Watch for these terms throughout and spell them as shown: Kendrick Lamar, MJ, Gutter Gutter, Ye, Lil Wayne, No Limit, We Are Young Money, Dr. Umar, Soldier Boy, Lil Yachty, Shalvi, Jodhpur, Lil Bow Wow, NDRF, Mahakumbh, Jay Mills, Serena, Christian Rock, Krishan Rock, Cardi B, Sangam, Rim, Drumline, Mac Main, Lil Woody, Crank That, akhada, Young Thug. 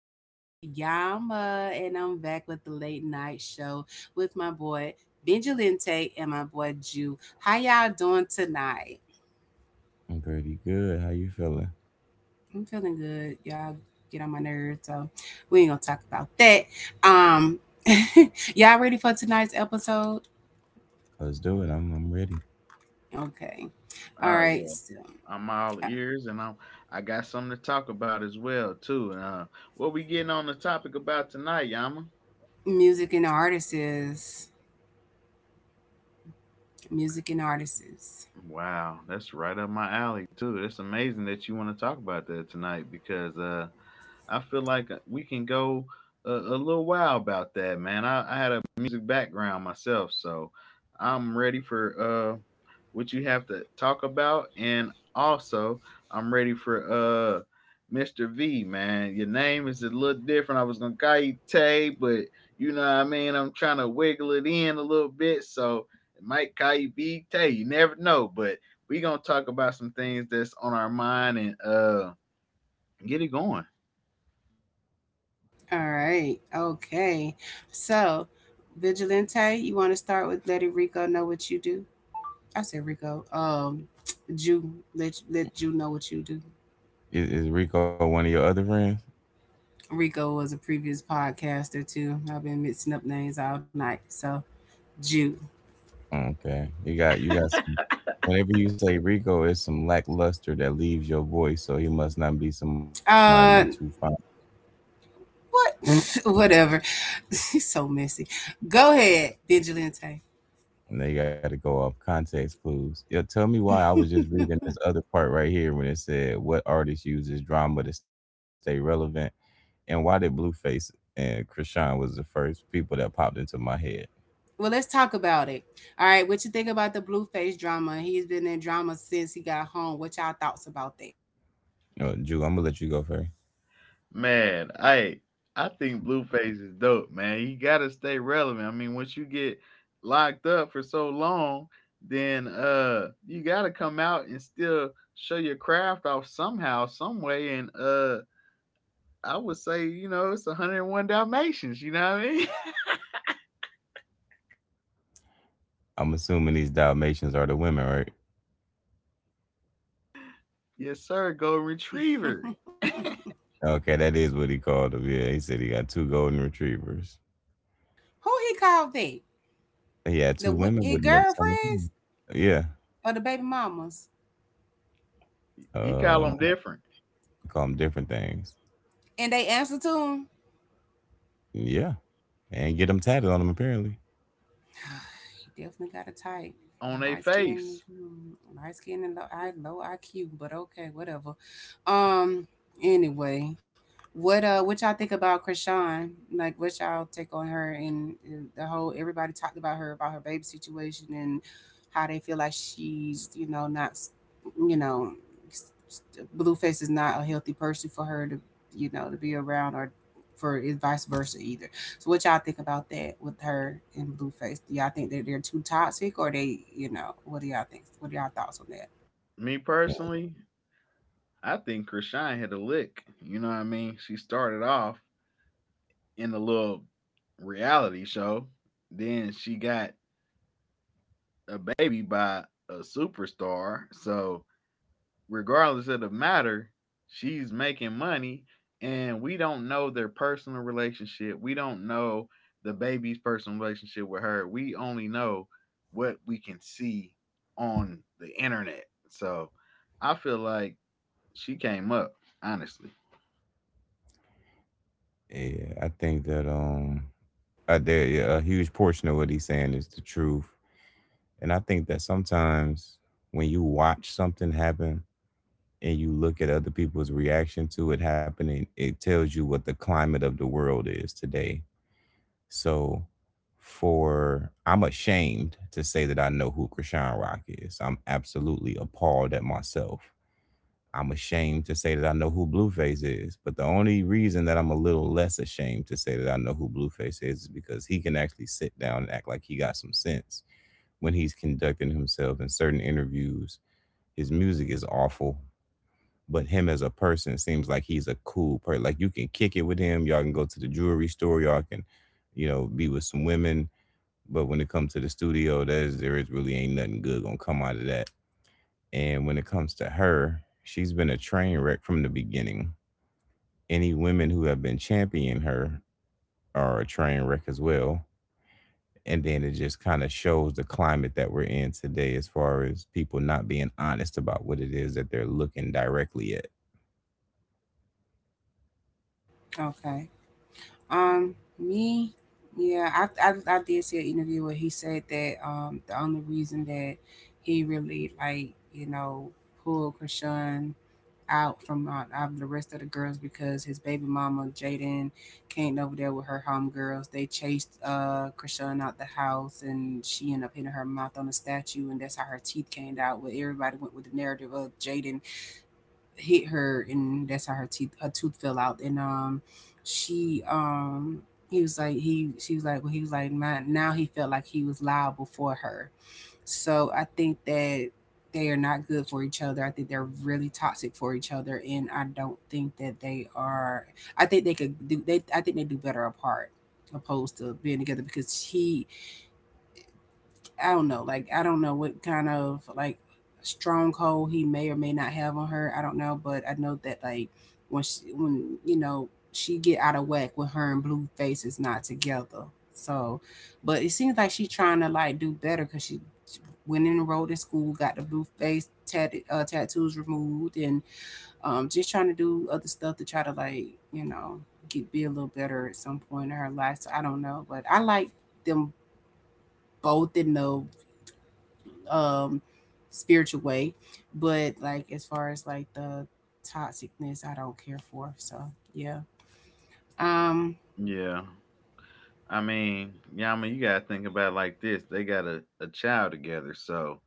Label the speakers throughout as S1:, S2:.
S1: kicking it with Yama, and I'm back with the late night show with my boy Vigilante and my boy Jew. How y'all doing tonight?
S2: I'm pretty good. How you feeling?
S1: I'm feeling good. Y'all get on my nerves, so we ain't gonna talk about that. Um, y'all ready for tonight's episode?
S2: Let's do it. I'm ready.
S1: Okay. All
S3: Oh
S1: right.
S3: yeah,
S1: So,
S3: I'm all
S1: uh,
S3: ears, and I'm I got something to talk about as well too. What we getting on the topic about tonight, Yama?
S1: music and artists. Music and artists.
S3: Wow, that's right up my alley too. That's amazing that you want to talk about that tonight because I feel like we can go a little while about that, man. I had a music background myself, so I'm ready for what you have to talk about, and also I'm ready for Mr. V, man. Your name is a little different. I was gonna call you Tay, but you know what I mean. I'm trying to wiggle it in a little bit, so it might call you V Tay. You never know, but we gonna talk about some things that's on our mind and get it going.
S1: All right. Okay. So, Vigilante, you want to start with letting Rico know what you do? I said Rico. Jew, let you know what you do.
S2: Is Rico one of your other friends?
S1: Rico was a previous podcaster too. I've been mixing up names all night. So, Jew.
S2: Okay, you got some. Whenever you say Rico, it's some lackluster that leaves your voice, so he must not be somebody you too fond.
S1: Uh, what? Whatever. He's so messy. Go ahead, Vigilante.
S2: And they got to go off context clues. Yeah, tell me why I was just reading this other part right here when it said what artist uses drama to stay relevant, and why did Blueface and Krishan was the first people that popped into my head.
S1: Well, let's talk about it. All right, what you think about the Blueface drama? He's been in drama since he got home. What y'all thoughts about
S2: Jew, I'm gonna let you go first.
S3: Man, hey, I think Blueface is dope, man. You gotta stay relevant. I mean, once you get locked up for so long, then you gotta come out and still show your craft off somehow, some way. And I would say, you know, it's 101 Dalmatians, you know what I mean?
S2: I'm assuming these Dalmatians are the women, right?
S3: Yes, sir, Golden
S1: that?
S3: Retriever.
S2: Okay, that is what he called them. Yeah, he said he got two golden retrievers.
S1: Who he called that?
S2: He had
S1: The
S2: two women
S1: his
S2: with him at the same time.
S1: girlfriends
S2: Yeah.
S1: or the baby mamas?
S3: You call
S2: Uh,
S3: them different
S2: Call them different things.
S1: And they answer to him.
S2: Yeah. And get them tatted on them, apparently.
S1: He definitely got a type.
S3: on their
S1: Light skin,
S3: face.
S1: hmm, light skin and low, low IQ, but okay, whatever. Um, anyway, what y'all think about Krishan? Like, what y'all take on her and the whole? Everybody talked about her baby situation and how they feel like she's, not, you know, Blueface is not a healthy person for her to, to be around or for it vice versa either. So what y'all think about that with her and Blueface? Do y'all think that they're too toxic or they, what do y'all think? What are y'all thoughts on that?
S3: Me personally, I think Krishan hit a lick. You know what I mean? She started off in a little reality show. Then she got a baby by a superstar. So regardless of the matter, she's making money, and we don't know their personal relationship. We don't know the baby's personal relationship with her. We only know what we can see on the internet. So I feel like she came up, honestly.
S2: Yeah, I think that yeah, a huge portion of what he's saying is the truth, and I think that sometimes when you watch something happen and you look at other people's reaction to it happening, it tells you what the climate of the world is today. So for I'm ashamed to say that I know who Krishan Rock is. I'm absolutely appalled at myself. I'm ashamed to say that I know who Blueface is. But the only reason that I'm a little less ashamed to say that I know who Blueface is because he can actually sit down and act like he got some sense when he's conducting himself in certain interviews. His music is awful, but him as a person seems like he's a cool person. Like you can kick it with him. Y'all can go to the jewelry store. Y'all can, you know, be with some women, but when it comes to the studio, there's there is really ain't nothing good gonna come out of that. And when it comes to her, she's been a train wreck from the beginning. Any women who have been championing her are a train wreck as well. And then it just kind of shows the climate that we're in today as far as people not being honest about what it is that they're looking directly at.
S1: Okay. Me, yeah, I did see an interview where he said that the only reason that he really you know pulled Krishan out from out of the rest of the girls because his baby mama Jaden came over there with her homegirls. They chased Krishan out the house, and she ended up hitting her mouth on a statue, and that's how her teeth came out. Where everybody went with the narrative of Jaden hit her and that's how her teeth her tooth fell out, and she, he was like, he she was like, well, he was like my, now he felt like he was liable for her. So I think that they are not good for each other. I think they're really toxic for each other, and I don't think that they are. I think they could do they I think they do better apart opposed to being together, because he — I don't know. Like, I don't know what kind of like stronghold he may or may not have on her. I don't know, but I know that like when you know, she get out of whack with her and Blueface is not together. So, but it seems like she's trying to like do better because she went and enrolled in school, got the Blueface tattoos removed, and just trying to do other stuff to try to like you know get be a little better at some point in her life. So I don't know, but I like them both in the um spiritual way, but like as far as like the toxicness, I don't care for. So, yeah. um
S3: Yeah. I mean, you gotta think about it like this. They got a child together, so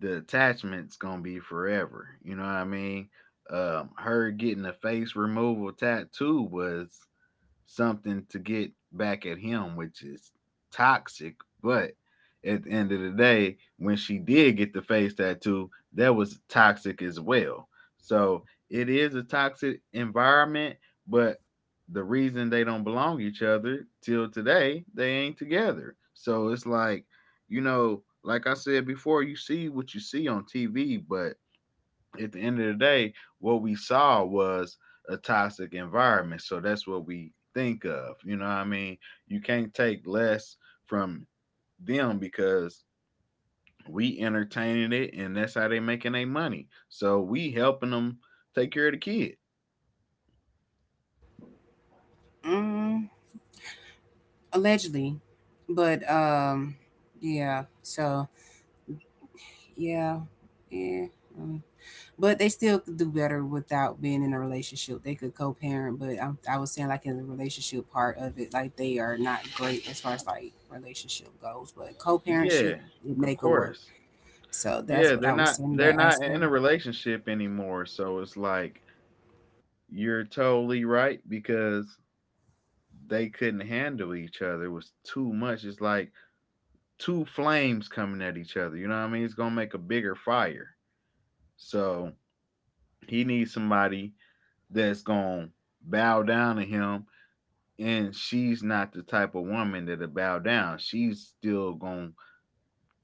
S3: the attachment's gonna be forever. You know what I mean? Her getting a face removal tattoo was something to get back at him, which is toxic. But at the end of the day, when she did get the face tattoo, that was toxic as well. So it is a toxic environment, but the reason they don't belong each other till today, they ain't together. So it's like, you know, like I said before, you see what you see on TV, but at the end of the day, what we saw was a toxic environment. So that's what we think of. You know what I mean? You can't take less from them because we entertaining it and that's how they making their money. So we helping them take care of the kid.
S1: mm, allegedly. But yeah, so yeah, yeah. Mm. But they still could do better without being in a relationship. They could co-parent. But I was saying like in the relationship part of it, like they are not great as far as like relationship goes, but co-parentship
S3: Yeah,
S1: would
S3: of
S1: make it work.
S3: course.
S1: So that's
S3: Yeah,
S1: what I was saying in
S3: they're
S1: that
S3: not in
S1: aspect.
S3: a relationship anymore. So it's like you're totally right because they couldn't handle each other. It was too much. It's like two flames coming at each other, you know what I mean? It's going to make a bigger fire. So, he needs somebody that's going to bow down to him, and she's not the type of woman that'll bow down. She's still going to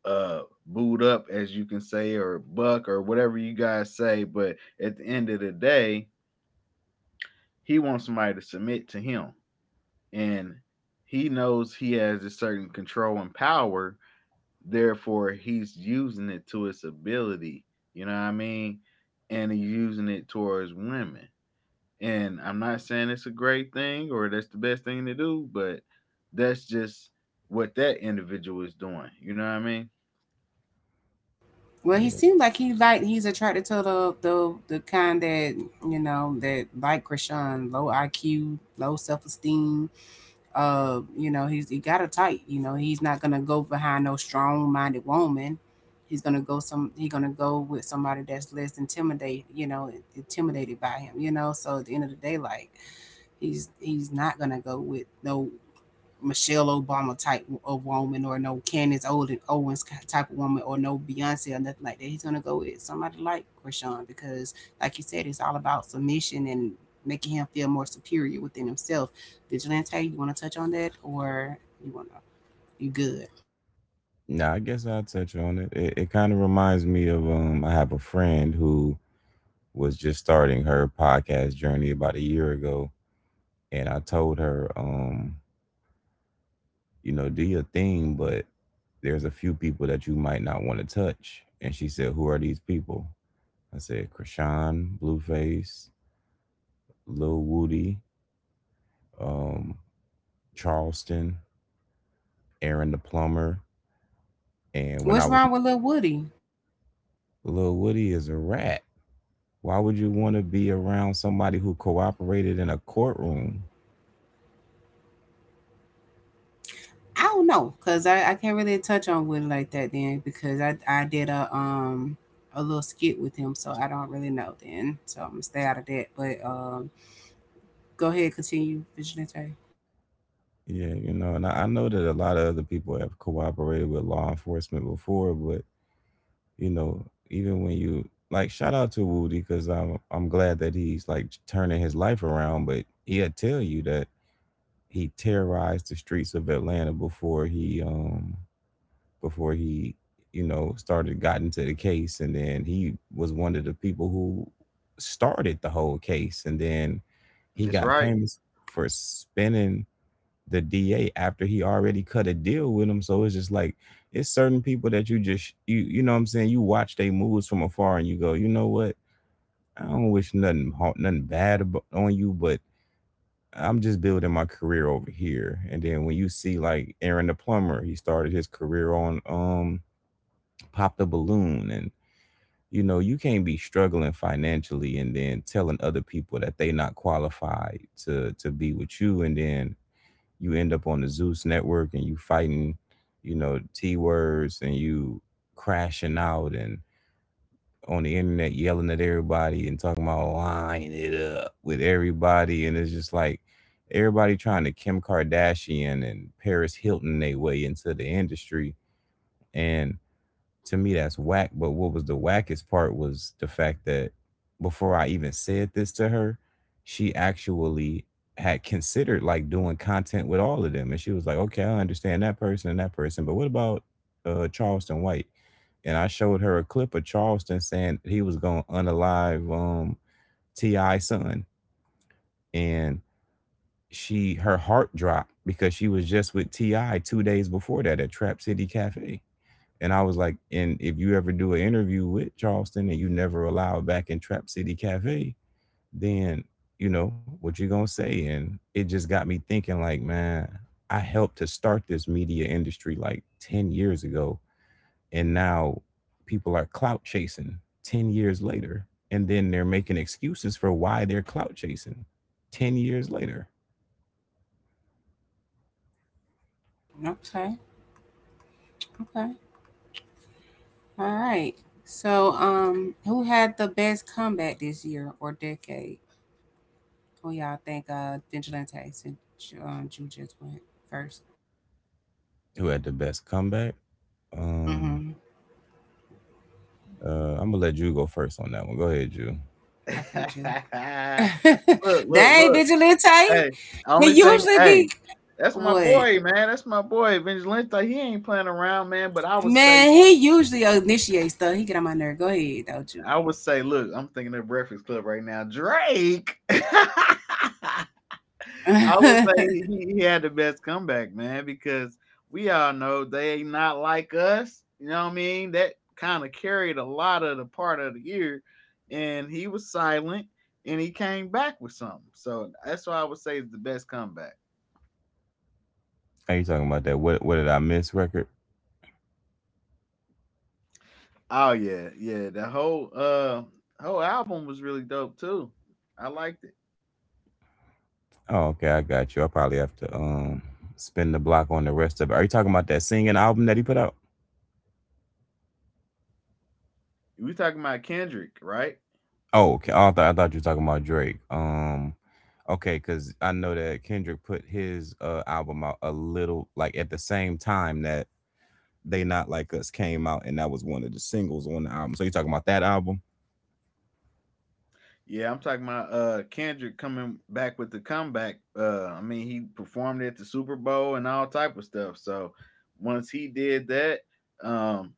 S3: boot up, as you can say, or buck or whatever you guys say, but at the end of the day, he wants somebody to submit to him, and he knows he has a certain control and power. Therefore, he's using it to its ability. You know what I mean? And he's using it towards women. And I'm not saying it's a great thing or that's the best thing to do, but that's just what that individual is doing. You know what I mean?
S1: Well, he
S2: Yeah.
S1: seemed like he like he's attracted to the kind that that like Krishan, low IQ, low self esteem, he's he got it tight. You know, he's not gonna go behind no strong-minded woman. He's gonna go some. He's gonna go with somebody that's less intimidated. You know, intimidated by him. You know, so at the end of the day, like he's not gonna go with no Michelle Obama type of woman or no Candace Owens type of woman or no Beyonce or nothing like that. He's gonna go with somebody like Krishan because, like you said, it's all about submission and making him feel more superior within himself. Vigilante, you want to touch on that or you want to? You good?
S2: Now I guess I'll touch on it. It kind of reminds me of I have a friend who was just starting her podcast journey about a year ago, and I told her, you know, do your thing, but there's a few people that you might not want to touch. And she said, who are these people? I said Krishan, Blueface, Lil Woody, um Charleston, Aaron the plumber. And when
S1: What's
S2: I was…
S1: wrong with Lil Woody?
S2: Lil Woody is a rat. Why would you want to be around somebody who cooperated in a courtroom?
S1: I don't know, because I can't really touch on Woody like that then, because I did a little skit with him, so I don't really know then, so I'm gonna stay out of that. But go ahead, continue, Vigilante.
S2: Yeah, you know, and I know that a lot of other people have cooperated with law enforcement before, but you know, even when you like, shout out to Woody because I'm glad that he's like turning his life around, but he'll tell you that he terrorized the streets of Atlanta before he before he you know, started got into the case, and then he was one of the people who started the whole case, and then he
S3: That's
S2: got
S3: right.
S2: famous for spinning the DA after he already cut a deal with him. So it's just like it's certain people that you just you know what I'm saying, you watch they moves from afar and you go, you know what, I don't wish nothing bad about on you, but I'm just building my career over here. And then when you see like Aaron the plumber, he started his career on pop the balloon and. You know, you can't be struggling financially and then telling other people that they not qualified to be with you, and then you end up on the Zeus network and you fighting, you know, T words, and you crashing out and on the internet yelling at everybody and talking about line it up with everybody. And it's just like everybody trying to Kim Kardashian and Paris Hilton their way into the industry. And to me that's whack, but what was the wackest part was the fact that before I even said this to her, she actually had considered like doing content with all of them. And she was like, okay, I understand that person and that person, but what about Charleston White? And I showed her a clip of Charleston saying he was going to unalive ti son, and she her heart dropped because she was just with TI 2 days before that at Trap City Cafe. And I was like, and if you ever do an interview with Charleston, and you never allowed back in Trap City Cafe, then you know what you're gonna say. And it just got me thinking, like, man, I helped to start this media industry like 10 years ago, and now people are clout chasing 10 years later, and then they're making excuses for why they're clout chasing 10 years later.
S1: Okay, okay, all right. So, who had the best comeback this year or decade? Who y'all think? Vigilante, since Jew just went first.
S2: Who had the best comeback? Um,
S1: Mm-hmm.
S2: I'm gonna let you go first on that one. Go ahead, you.
S3: look,
S1: Okay, Jew.
S3: look,
S1: Dang,
S3: look.
S1: Vigilante.
S3: Hey,
S1: He
S3: only thing,
S1: usually be
S3: hey, that's my
S1: what?
S3: boy, man. That's my boy, Vince Lynch. Like, he ain't playing around, man. But
S1: Man, he usually initiates stuff. He get on my nerve. Go ahead, though, Jew.
S3: I would say, look, I'm thinking of Breakfast Club right now. Drake. I would
S1: Okay,
S3: say he had the best comeback, man, because we all know they not like us. You know what I mean? That kind of carried a lot of the part of the year, and he was silent, and he came back with something. So that's why I would say it's the best comeback.
S2: Are you talking about that? What did I miss record?
S3: Oh yeah. The whole whole album was really dope too. I liked it.
S2: Oh, okay, I got you. I probably have to spin the block on the rest of it. Are you talking about that singing album that he put out?
S3: We talking about Kendrick, right?
S2: Oh, okay. I thought you were talking about Drake. Okay, cuz I know that Kendrick put his album out a little like at the same time that They Not Like Us came out, and that was one of the singles on the album. So you talking about that album?
S3: Yeah, I'm talking about Kendrick coming back with the comeback. Uh, I mean he performed at the Super Bowl and all type of stuff. So once he did that, um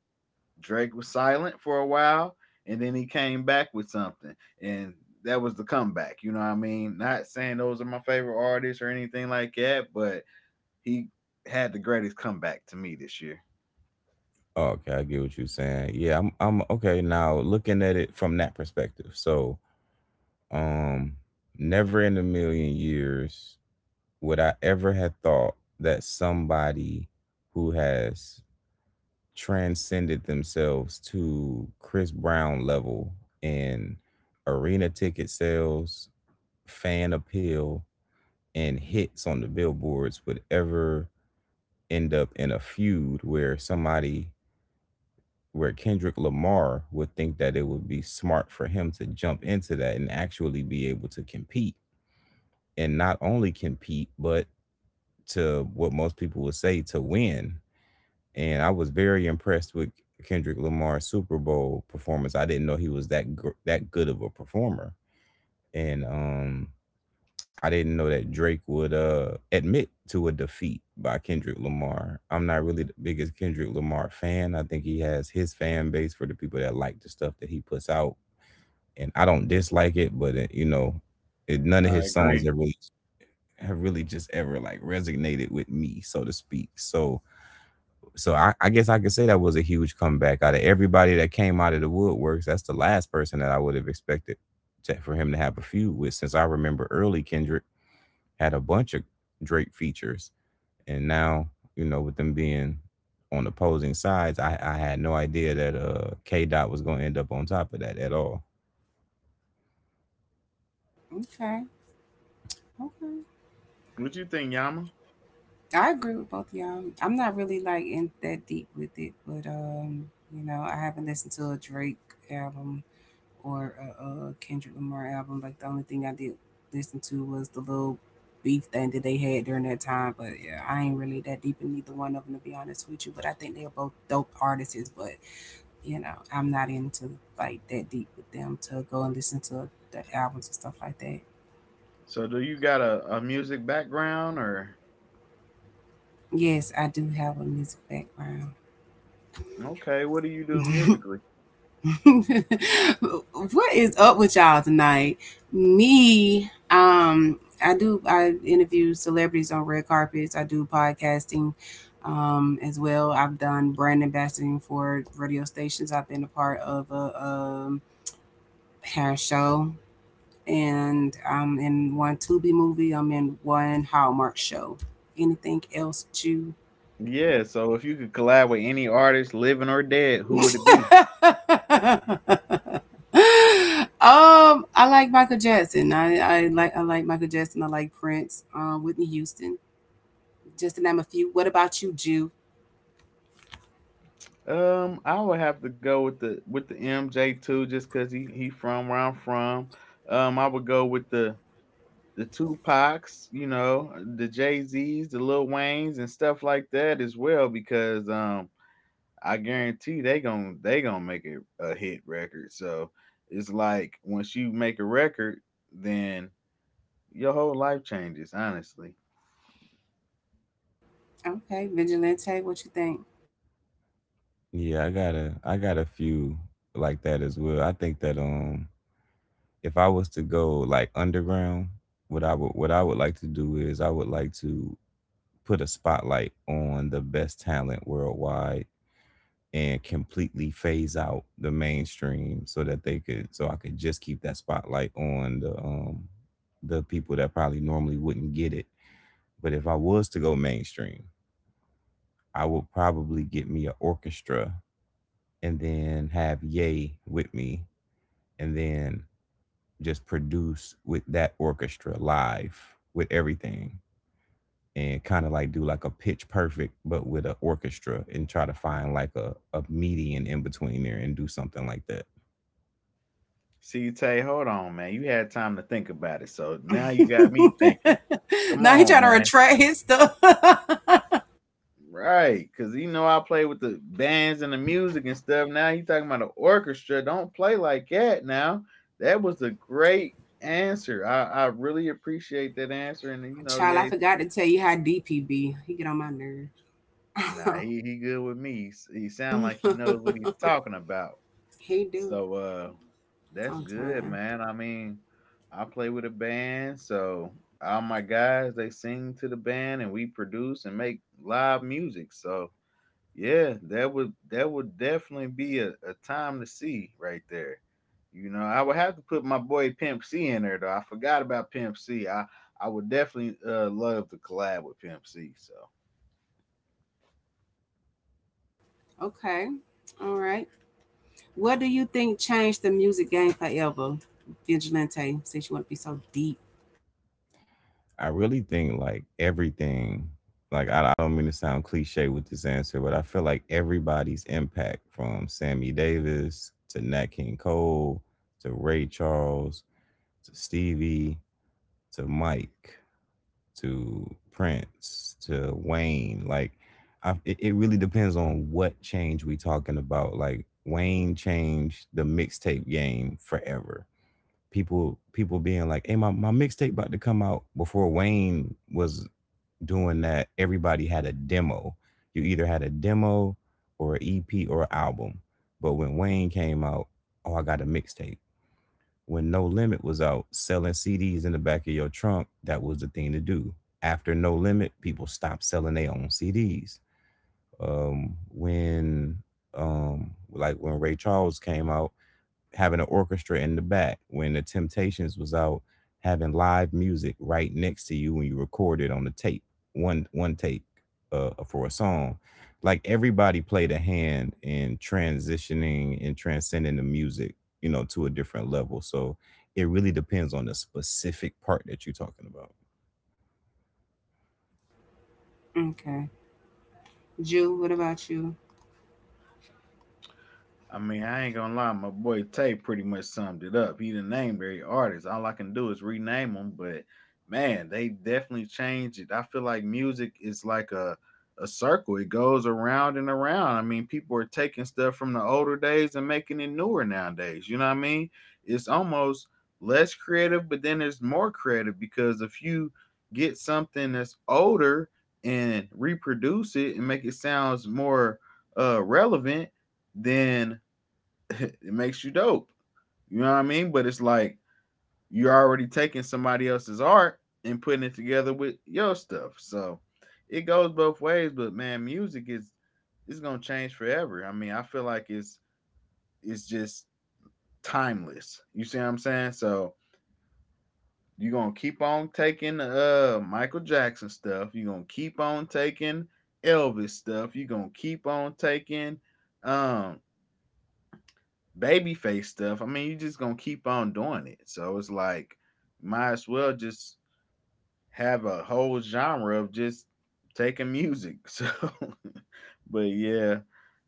S3: Drake was silent for a while, and then he came back with something, and that was the comeback, you know what I mean? Not saying those are my favorite artists or anything like that, but he had the greatest comeback to me this year.
S2: Oh, okay, I get what you're saying. Yeah, I'm okay now looking at it from that perspective. So Um, never in a million years would I ever have thought that somebody who has transcended themselves to Chris Brown level in arena ticket sales, fan appeal, and hits on the billboards would ever end up in a feud where somebody, where Kendrick Lamar would think that it would be smart for him to jump into that and actually be able to compete, and not only compete, but to what most people would say to win. And I was very impressed with Kendrick Lamar's Super Bowl performance. I didn't know he was that good of a performer, and I didn't know that Drake would admit to a defeat by Kendrick Lamar. I'm not really the biggest Kendrick Lamar fan. I think he has his fan base for the people that like the stuff that he puts out, and I don't dislike it, but you know, none of
S3: I
S2: his songs
S3: agree.
S2: are really, have really just ever like resonated with me, so to speak. So so I guess I could say that was a huge comeback. Out of everybody that came out of the woodworks, that's the last person that I would have expected for him to have a feud with. Since I remember early Kendrick had a bunch of Drake features, and now, you know, with them being on opposing sides, I had no idea that K Dot was going to end up on top of that at all.
S1: okay.
S3: What you think, Yama?
S1: I agree with both of y'all. I'm not really like in that deep with it, but I haven't listened to a Drake album or a Kendrick Lamar album. Like, the only thing I did listen to was the little beef thing that they had during that time. But yeah, I ain't really that deep in either one of them, to be honest with you. But I think they're both dope artists. But I'm not into like that deep with them to go and listen to the albums and stuff like that.
S3: So do you got a music background or
S1: Yes, I do have a music background.
S3: okay, what do you do musically?
S1: What is up with y'all tonight? Me, I do. I interview celebrities on red carpets. I do podcasting, as well. I've done brand ambassadoring for radio stations. I've been a part of hair show, and I'm in one Tubi movie. I'm in one Hallmark show. Anything else that you
S3: Yeah, so if you could collab with any artist, living or dead, who would it be?
S1: um, I like Michael Jackson. I like Michael Jackson. I like Prince, Whitney Houston, just to name a few. What about you, Jew?
S3: I would have to go with the MJ too, just cause he from where I'm from. I would go with the Tupacs, you know, the Jay Z's, the Lil Waynes, and stuff like that as well, because I guarantee they gonna make it a hit record. So it's like once you make a record, then your whole life changes. Honestly.
S1: Okay, Vigilante, what you think?
S2: Yeah, I got a few like that as well. I think that if I was to go like underground, what I would like to do is I would like to put a spotlight on the best talent worldwide and completely phase out the mainstream so I could just keep that spotlight on the people that probably normally wouldn't get it. But if I was to go mainstream, I would probably get me an orchestra and then have Ye with me and then just produce with that orchestra live with everything, and kind of like do like a pitch perfect but with an orchestra, and try to find like a median in between there and do something like that.
S3: See, Tay, hold on, man. You had time to think about it, so now you got me thinking. Come
S1: Now he
S3: on,
S1: trying to
S3: man.
S1: retract his stuff. Child,
S3: Right, cause you know I play with the bands and the music and stuff. Now you talking about the orchestra? Don't play like that. Now that was a great answer. I really appreciate that answer. And you know,
S1: I
S3: yeah,
S1: forgot to tell you how deep he be. He get on my nerve.
S3: nah, he good with me. He sound like he knows what he's talking about.
S1: He do
S3: So that's good,
S1: sometimes.
S3: man. I mean, I play with a band, so all my guys they sing to the band and we produce and make live music. So yeah, that would definitely be a time to see right there. You know, I would have to put my boy Pimp C in there though. I forgot about Pimp C. I would definitely love to collab with Pimp C. So
S1: Okay, all right. What do you think changed the music game forever, Vigilante? Since you want to be so deep.
S2: I really think like everything. Like I don't mean to sound cliche with this answer, but I feel like everybody's impact, from Sammy Davis to Nat King Cole to Ray Charles to Stevie to Mike to Prince to Wayne. Like, it, it really depends on what change we talking about. Like, Wayne changed the mixtape game forever. People being like, "Hey, my mixtape about to come out." Before Wayne was doing that, everybody had a demo. You either had a demo or an EP or an album. But when Wayne came out, oh, I got a mixtape. When No Limit was out, selling CDs in the back of your trunk, that was the thing to do. After No Limit, people stopped selling their own CDs. When like when Ray Charles came out, having an orchestra in the back. When the Temptations was out, having live music right next to you when you recorded on the tape, one tape for a song. Like everybody played a hand in transitioning and transcending the music, you know, to a different level. So it really depends on the specific part that you're talking about.
S1: Okay. Jew, what about you?
S3: I mean, I ain't gonna lie, my boy Tay pretty much summed it up. He done named every artist. All I can do is rename them, but man, they definitely changed it. I feel like music is like a circle. It goes around and around. I mean, people are taking stuff from the older days and making it newer nowadays. You know what I mean? It's almost less creative, but then there's more creative because if you get something that's older and reproduce it and make it sounds more relevant, then it makes you dope. You know what I mean? But it's like you're already taking somebody else's art and putting it together with your stuff. So it goes both ways, but man, music is it's gonna change forever. I mean, I feel like it's just timeless. You see what I'm saying? So you're gonna keep on taking Michael Jackson stuff, you're gonna keep on taking Elvis stuff, you're gonna keep on taking um babyface stuff, I mean, you're just gonna keep on doing it. So it's like, might as well just have a whole genre of just taking music. So, but yeah,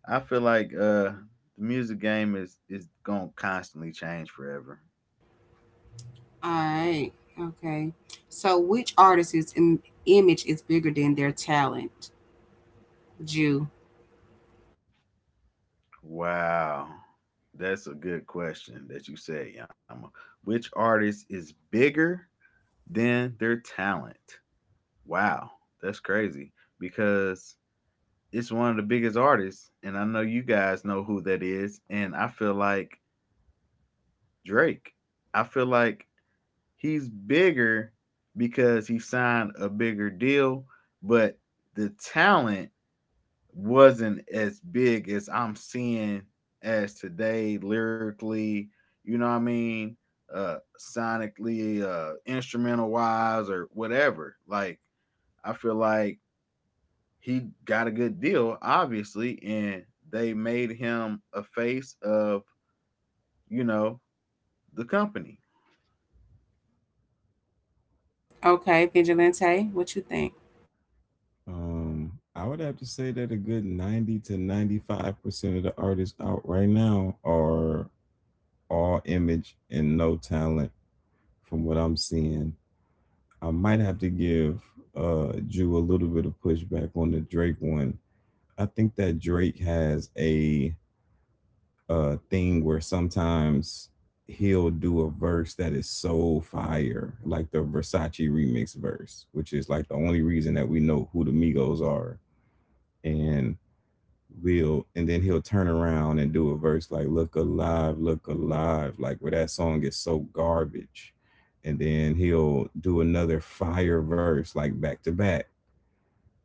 S3: I feel like the music game is gonna constantly change forever.
S1: All right. Okay. So, which artist's image is bigger than their talent? Jew.
S3: Wow, that's a good question that you said, Yama. Which artist is bigger than their talent? Wow, that's crazy because it's one of the biggest artists, and I know you guys know who that is. And I feel like Drake. I feel like he's bigger because he signed a bigger deal, but the talent wasn't as big as I'm seeing as today lyrically. You know what I mean? Sonically, instrumental wise, or whatever. Like I feel like he got a good deal, obviously, and they made him a face of, you know, the company.
S1: Okay, Vigilante, what you think?
S2: I would have to say that a good 90 to 95% of the artists out right now are all image and no talent, from what I'm seeing. I might have to give Jew a little bit of pushback on the Drake one. I think that Drake has a thing where sometimes he'll do a verse that is so fire, like the Versace remix verse, which is like the only reason that we know who the Migos are. And we'll and then he'll turn around and do a verse like Look Alive, Look Alive, like where that song is so garbage. And then he'll do another fire verse like back to back.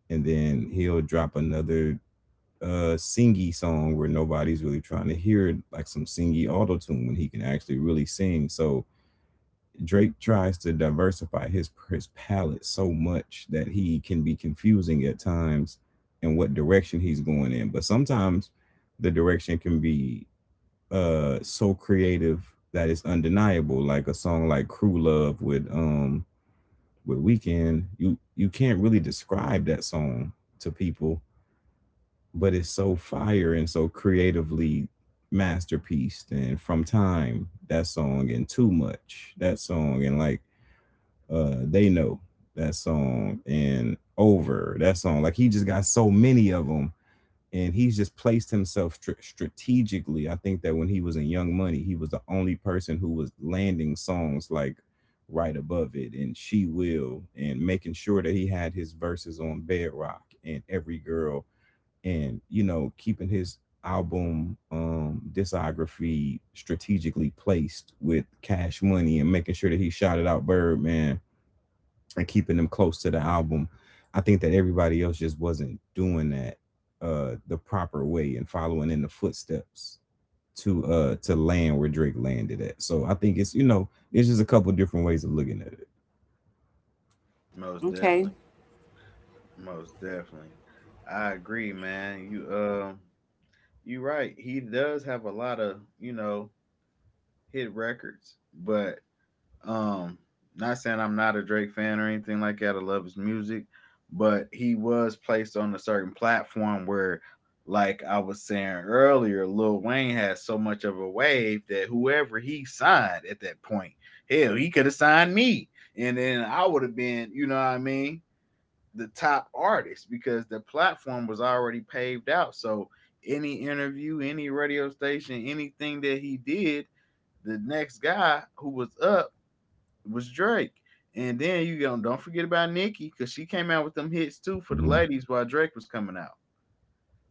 S2: And then he'll drop another singy song where nobody's really trying to hear it, like some singy auto tune when he can actually really sing. So Drake tries to diversify his palette so much that he can be confusing at times in what direction he's going in. But sometimes the direction can be so creative that it's undeniable. Like a song like Crew Love with Weekend, you can't really describe that song to people, but it's so fire and so creatively masterpiece, and from time that song and too much that song and like they know that song and over that song, like he just got so many of them. And he's just placed himself strategically. I think that when he was in Young Money, he was the only person who was landing songs like Right Above It and She Will, and making sure that he had his verses on Bedrock and Every Girl, and you know, keeping his album, discography strategically placed with Cash Money, and making sure that he shouted out Birdman and keeping them close to the album. I think that everybody else just wasn't doing that the proper way and following in the footsteps to land where Drake landed at. So I think it's, you know, it's just a couple different ways of looking at
S3: Most
S1: Okay.
S3: definitely. Most definitely. I agree, man. You right. He does have a lot of, you know, hit records, but Um, not saying I'm not a Drake fan or anything like that. I love his music, but he was placed on a certain platform where, like I was saying earlier, Lil Wayne had so much of a wave that whoever he signed at that point, hell, he could have signed me, and then I would have been, you know what I mean, the top artist because the platform was already paved out. So any interview, any radio station, anything that he did the next guy who was up was Drake. And then you don't forget about Nicki because she came out with them hits too for the
S2: it.
S3: ladies while Drake was coming out.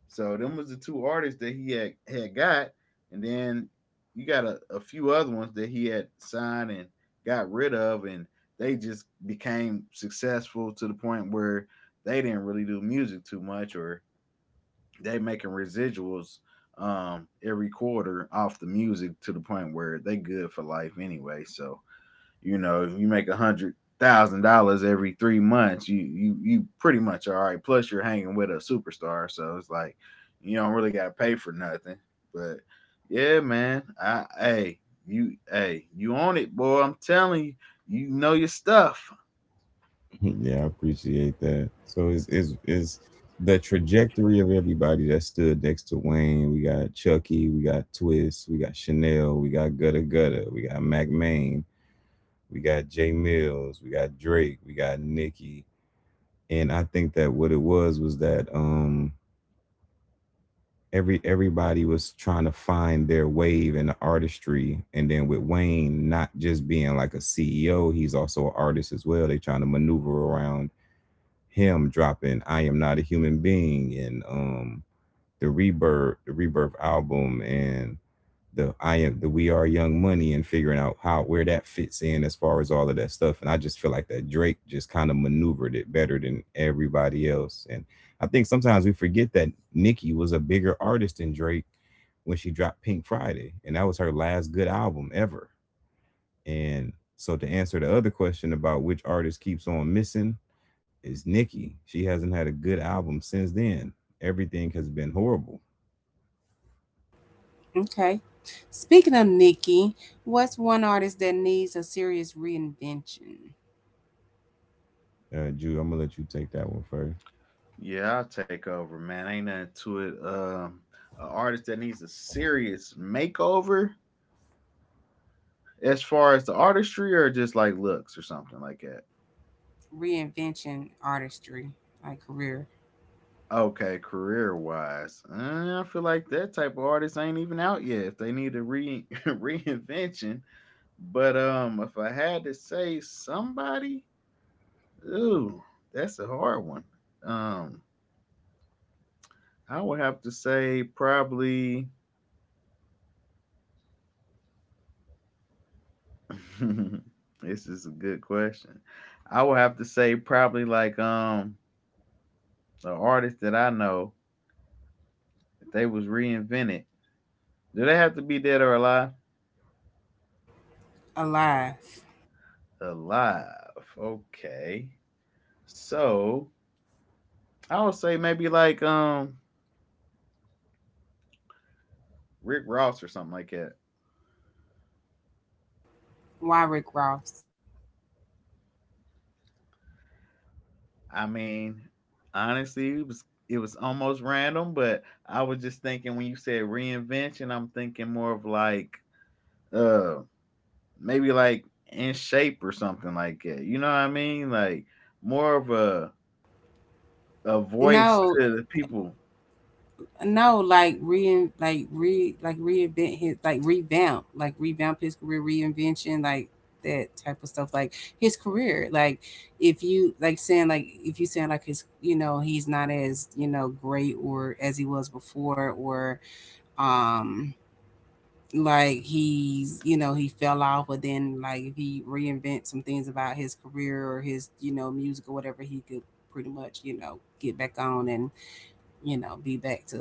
S3: So them was the two artists that he had had got, and then you got a few other ones that he had signed and got rid of, and they just became successful to the point where they didn't really do music too much, or they making residuals every quarter off the music to the point where they good for life anyway. So you know, if you make $100,000 every 3 months, you pretty much are all right. Plus, you're hanging with a superstar, so it's like you don't really got to pay for nothing. But yeah, man, I hey you on it, boy. I'm telling you, you know your stuff.
S2: Yeah, I appreciate that. So it's the trajectory of everybody that stood next to Wayne. We got Chucky, we got Twist, we got Chanel, we got Gutter Gutter, we got Mac Main, we got Jay Mills, we got Drake, we got Nicki. And I think that what it was that everybody was trying to find their wave in the artistry. And then with Wayne not just being like a CEO, he's also an artist as well. They trying to maneuver around him dropping I Am Not a Human Being, and the Rebirth album, and the I Am the We Are Young Money, and figuring out how, where that fits in as far as all of that stuff. And I just feel like that Drake just kind of maneuvered it better than everybody else. And I think sometimes we forget that Nicki was a bigger artist than Drake when she dropped Pink Friday, and that was her last good album ever. And so to answer the other question about which artist keeps on missing, is Nicki? She hasn't had a good album since then. Everything has been horrible.
S1: Okay. Speaking of Nikki, what's one artist that needs a serious reinvention?
S2: Jude, I'm gonna let you take that one first.
S3: Yeah, I'll take over, man. Ain't nothing to it. An artist that needs a serious makeover as far as the artistry or just like looks or something like that.
S1: Reinvention artistry, like career.
S3: Okay, career wise, I feel like that type of artist ain't even out yet. If they need a re reinvention, but if I had to say somebody, ooh, that's a hard one. Um, I would have to say probably. This is a good question. I would have to say probably like an artist that I know if they was reinvented. Do they have to be dead or alive?
S1: Alive.
S3: Alive. Okay. So I would say maybe like Rick Ross or something like that.
S1: Why Rick Ross?
S3: I mean, honestly, it was almost random, but I was just thinking when you said reinvention, I'm thinking more of like uh maybe like in shape or something like that. You know what I mean? Like more of a voice
S1: No,
S3: to the people.
S1: no, like reinvent his, like revamp his career, reinvention, like that type of stuff, like his career. Like, if you like saying, like if you saying like his, he's not as great or as he was before, or um like he's he fell off, but then like if he reinvents some things about his career or his music or whatever, he could pretty much get back on and be back to,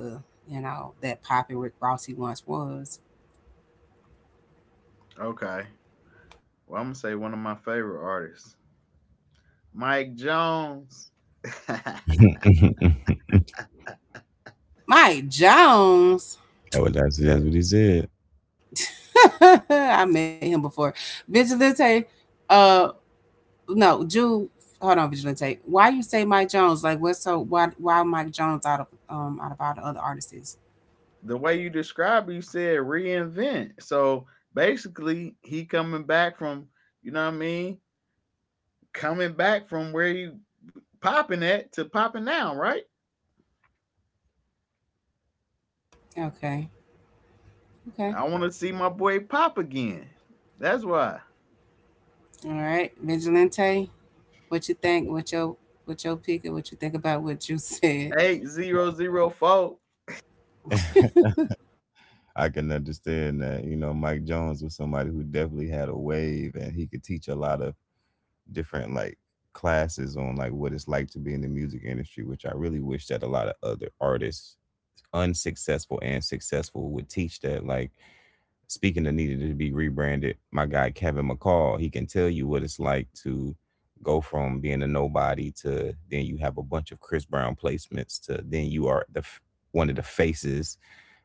S1: that Poppy Rick Ross he once was.
S3: Okay. Well, I'm gonna say one of my favorite artists, Mike Jones.
S1: Mike Jones.
S2: Well, that's what he said.
S1: I met him before. Vigilante, uh no, Jude, hold on, Vigilante. Why you say Mike Jones? Like, what's so why Mike Jones out of all the other artists?
S3: The way you described it, you said reinvent. So basically, he coming back from, you know what I mean? Coming back from where you popping at to popping now, right?
S1: Okay. Okay.
S3: I want to see my boy pop again. That's why.
S1: All right. Vigilante, what you think? What your pick and what you think about what you said?
S3: 8004.
S2: I can understand that. You know, Mike Jones was somebody who definitely had a wave, and he could teach a lot of different like classes on like what it's like to be in the music industry, which I really wish that a lot of other artists, unsuccessful and successful, would teach that. Like speaking of needed to be rebranded, my guy Kevin McCall, he can tell you what it's like to go from being a nobody to then you have a bunch of Chris Brown placements to then you are the one of the faces,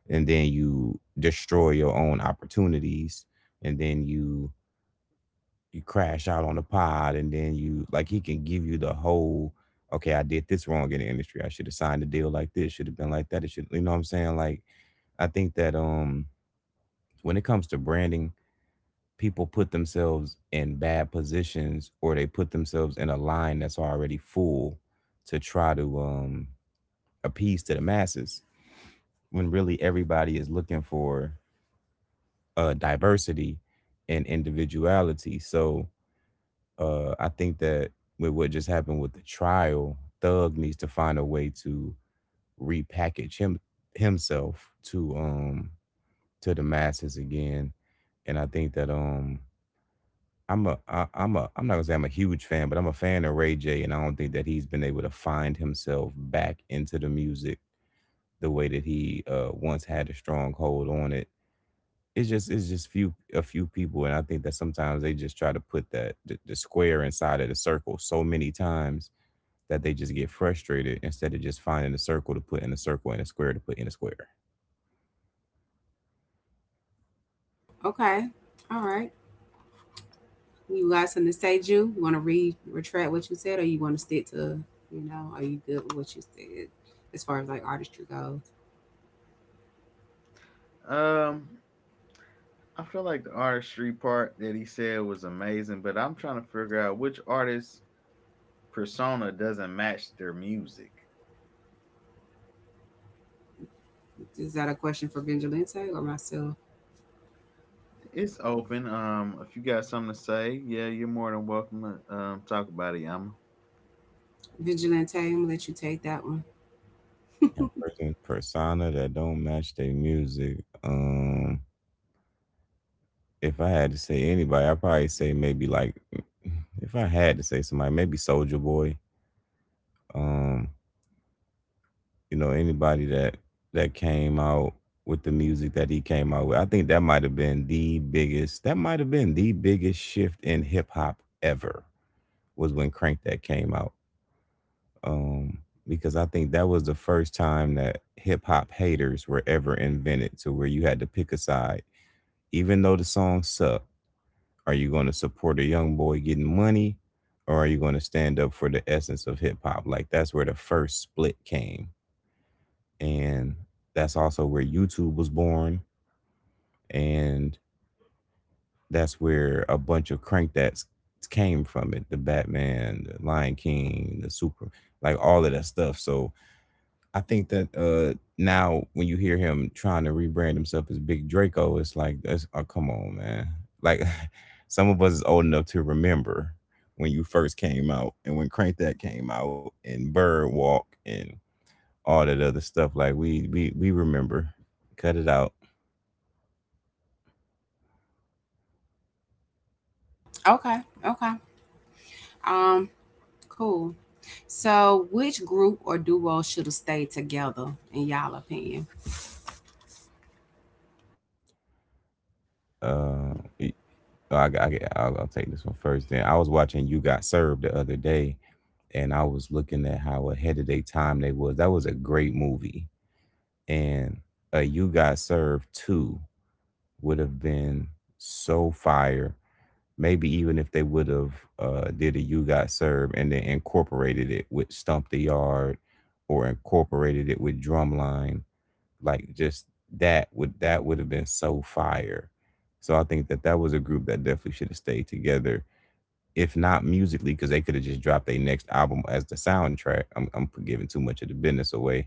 S2: and then you destroy your own opportunities, and then you crash out on the pod, and then you like he can give you the whole, okay, I did this wrong in the industry, I should have signed a deal like this, should have been like that, it should, you know what I'm saying? Like I think that when it comes to branding, people put themselves in bad positions, or they put themselves in a line that's already full to try to appease to the masses, when really everybody is looking for diversity and individuality. So I think that with what just happened with the trial, Thug needs to find a way to repackage himself to the masses again. And I think that I'm a I, I'm a I'm not gonna say I'm a huge fan, but I'm a fan of Ray J, and I don't think that he's been able to find himself back into the music the way that he once had a strong hold on it. It's just few a few people, and I think that sometimes they just try to put that the square inside of the circle so many times that they just get frustrated instead of just finding a circle to put in a circle and a square to put in a square.
S1: Okay. All right. You got something to say, Jew? You want to re retract what you said, or you want to stick to, are you good with what you said as far as like artistry goes?
S3: Um, I feel like the artistry part that he said was amazing, but I'm trying to figure out which artist persona doesn't match their music.
S1: Is that a question for Vigilante or myself?
S3: It's open. If you got something to say, yeah, you're more than welcome to talk about it, Yama.
S1: Vigilante, I'm gonna let you take that one.
S2: Now, persona that don't match their music. Um. If I had to say anybody, I'd probably say maybe like mm, if I had to say somebody, maybe Soldier Boy. Um, you know, anybody that came out with the music that he came out with. I think that might have been the biggest that might have been the biggest shift in hip hop ever was when Crank That came out. Um, because I think that was the first time that hip hop haters were ever invented to where you had to pick a side. Even though the song sucked, are you going to support a young boy getting money? Or are you going to stand up for the essence of hip hop? Like that's where the first split came. And that's also where YouTube was born. And that's where a bunch of Crank That's came from it. The Batman, the Lion King, the Super, like all of that stuff. So I think that now when you hear him trying to rebrand himself as Big Draco, it's like that's, oh, come on, man. Like some of us is old enough to remember when you first came out and when Crank That came out and Bird Walk and all that other stuff. Like we remember. Cut it out.
S1: Okay, okay. Um, cool. So, which group or duo should have stayed together, in y'all opinion?
S2: Uh y- I'll take this one first. Then I was watching You Got Served the other day, and I was looking at how ahead of their time they was. That was a great movie, and a You Got Served Two would have been so fire. Maybe even if they would have did a You Got Served and then incorporated it with Stump the Yard or incorporated it with Drumline, like just that would have been so fire. So I think that that was a group that definitely should have stayed together, if not musically, because they could have just dropped their next album as the soundtrack. I'm giving too much of the business away,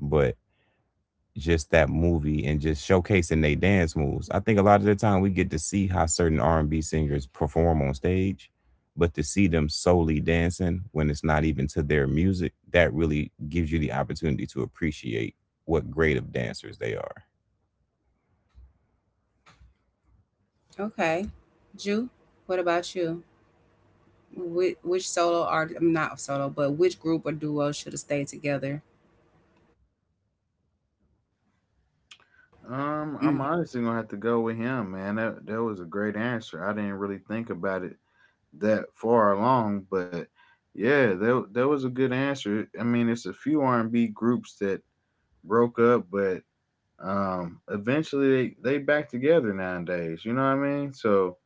S2: but just that movie and just showcasing their dance moves. I think a lot of the time we get to see how certain R&B singers perform on stage, but to see them solely dancing when it's not even to their music, that really gives you the opportunity to appreciate what great of dancers they are.
S1: Okay, Jew, what about you? Which solo art I'm not solo, but which group or duo should have stayed together?
S3: I'm
S1: Mm.
S3: honestly gonna have to go with him, man. That was a great answer. I didn't really think about it that far along, but yeah, that was a good answer. I mean, it's a few R&B groups that broke up, but eventually they back together nowadays. You know what I mean? So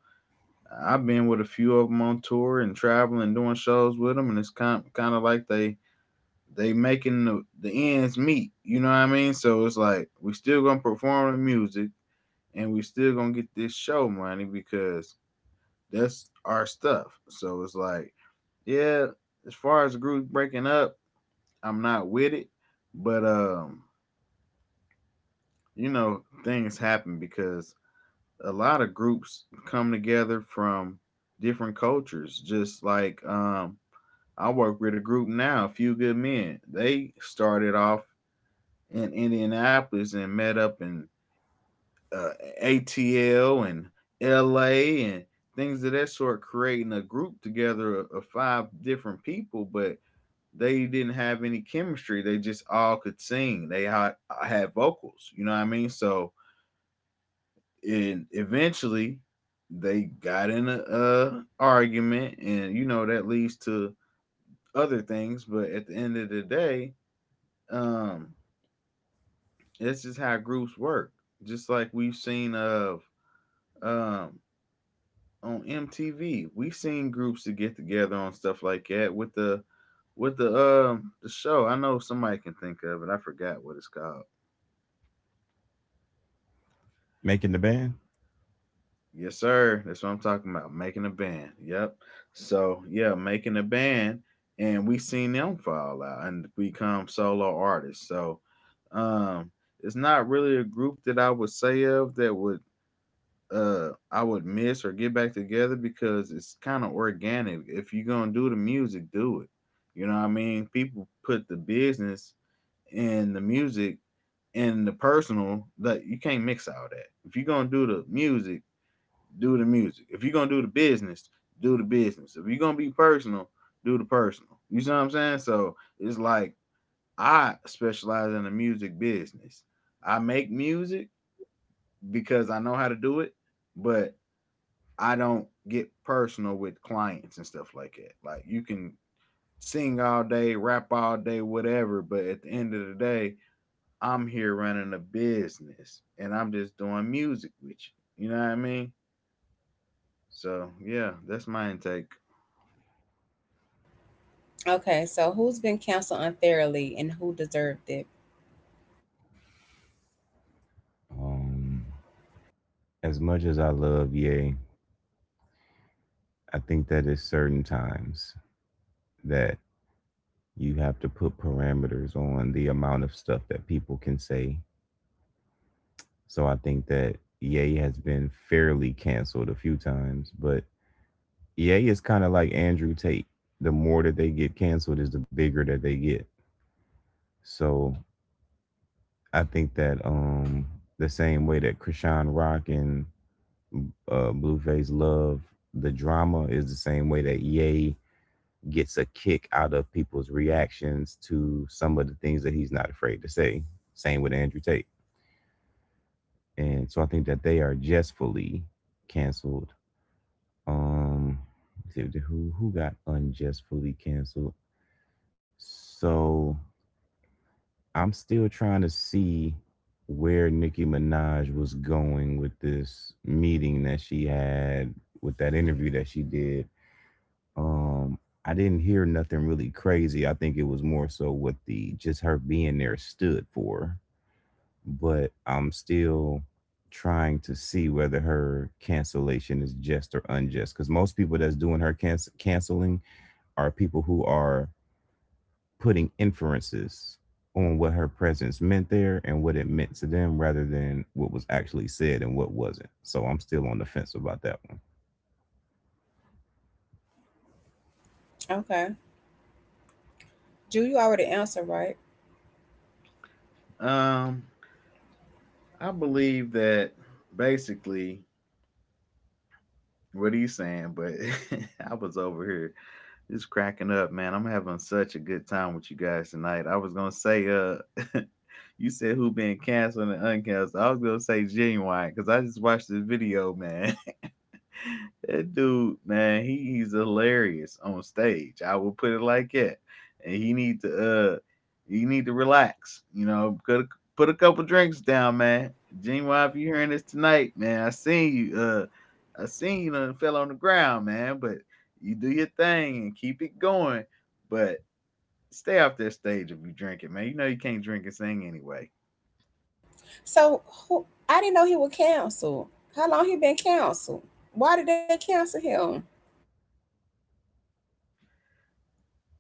S3: I've been with a few of them on tour and traveling, doing shows with them, and it's kind of like they making the ends meet. You know what I mean? So it's like we still gonna perform the music and we still gonna get this show money because that's our stuff. So it's like, yeah, as far as the group breaking up, I'm not with it. But you know, things happen because a lot of groups come together from different cultures. Just like I work with a group now, A Few Good Men. They started off in Indianapolis and met up in uh, ATL and LA and things of that sort, creating a group together of five different people, but they didn't have any chemistry. They just all could sing. They had vocals, you know what I mean? So and eventually they got in a argument, and you know that leads to other things, but at the end of the day, um it's just how groups work, just like we've seen of um on MTV. We seen groups to get together on stuff like that with the show. I know somebody can think of it. I forgot what it's called.
S2: Making the band?
S3: Yes, sir. That's what I'm talking about. Making a band. Yep. So yeah, making a band, and we seen them fall out and become solo artists. So um, it's not really a group that I would say of that would I would miss or get back together, because it's kind of organic. If you're gonna do the music, do it. You know what I mean? People put the business and the music and the personal, that you can't mix all that. If you're gonna do the music, do the music. If you're gonna do the business, do the business. If you're gonna be personal, do the personal. You see what I'm saying? So it's like I specialize in the music business. I make music because I know how to do it, but I don't get personal with clients and stuff like that. Like you can sing all day, rap all day, whatever, but at the end of the day, I'm here running a business and I'm just doing music with you. You know what I mean? So yeah, that's my intake.
S1: Okay, so who's been canceled unfairly and who deserved it?
S2: Um, as much as I love Ye, I think that there's certain times that you have to put parameters on the amount of stuff that people can say. So I think that EA has been fairly canceled a few times, but EA is kind of like Andrew Tate. The more that they get canceled is the bigger that they get. So I think that the same way that Krishan Rock and Blueface love the drama is the same way that EA gets a kick out of people's reactions to some of the things that he's not afraid to say. Same with Andrew Tate. And so I think that they are justfully canceled. Um, let's who got unjustly canceled? So I'm still trying to see where Nicki Minaj was going with this meeting that she had with that interview that she did. Um, I didn't hear nothing really crazy. I think it was more so what the just her being there stood for. But I'm still trying to see whether her cancellation is just or unjust because most people that's doing her canceling are people who are putting inferences on what her presence meant there and what it meant to them rather than what was actually said and what wasn't. So I'm still on the fence about that one.
S1: Okay, Jew, you already answered right.
S3: Um, I believe that basically what he's saying, but I was over here just cracking up, man. I'm having such a good time with you guys tonight. I was gonna say, you said who been canceled and uncanceled. I was gonna say Genuine, because I just watched this video, man, that dude, man, he's hilarious on stage. I will put it like that. And he need to uh relax, you know, put a couple drinks down, man. Gene, if you hearing this tonight, man, I seen you done fell on the ground, man, but you do your thing and keep it going. But stay off that stage if you drink it, man. You know you can't drink and sing anyway.
S1: So who? I didn't know he was canceled. How long he been canceled? Why did they cancel him?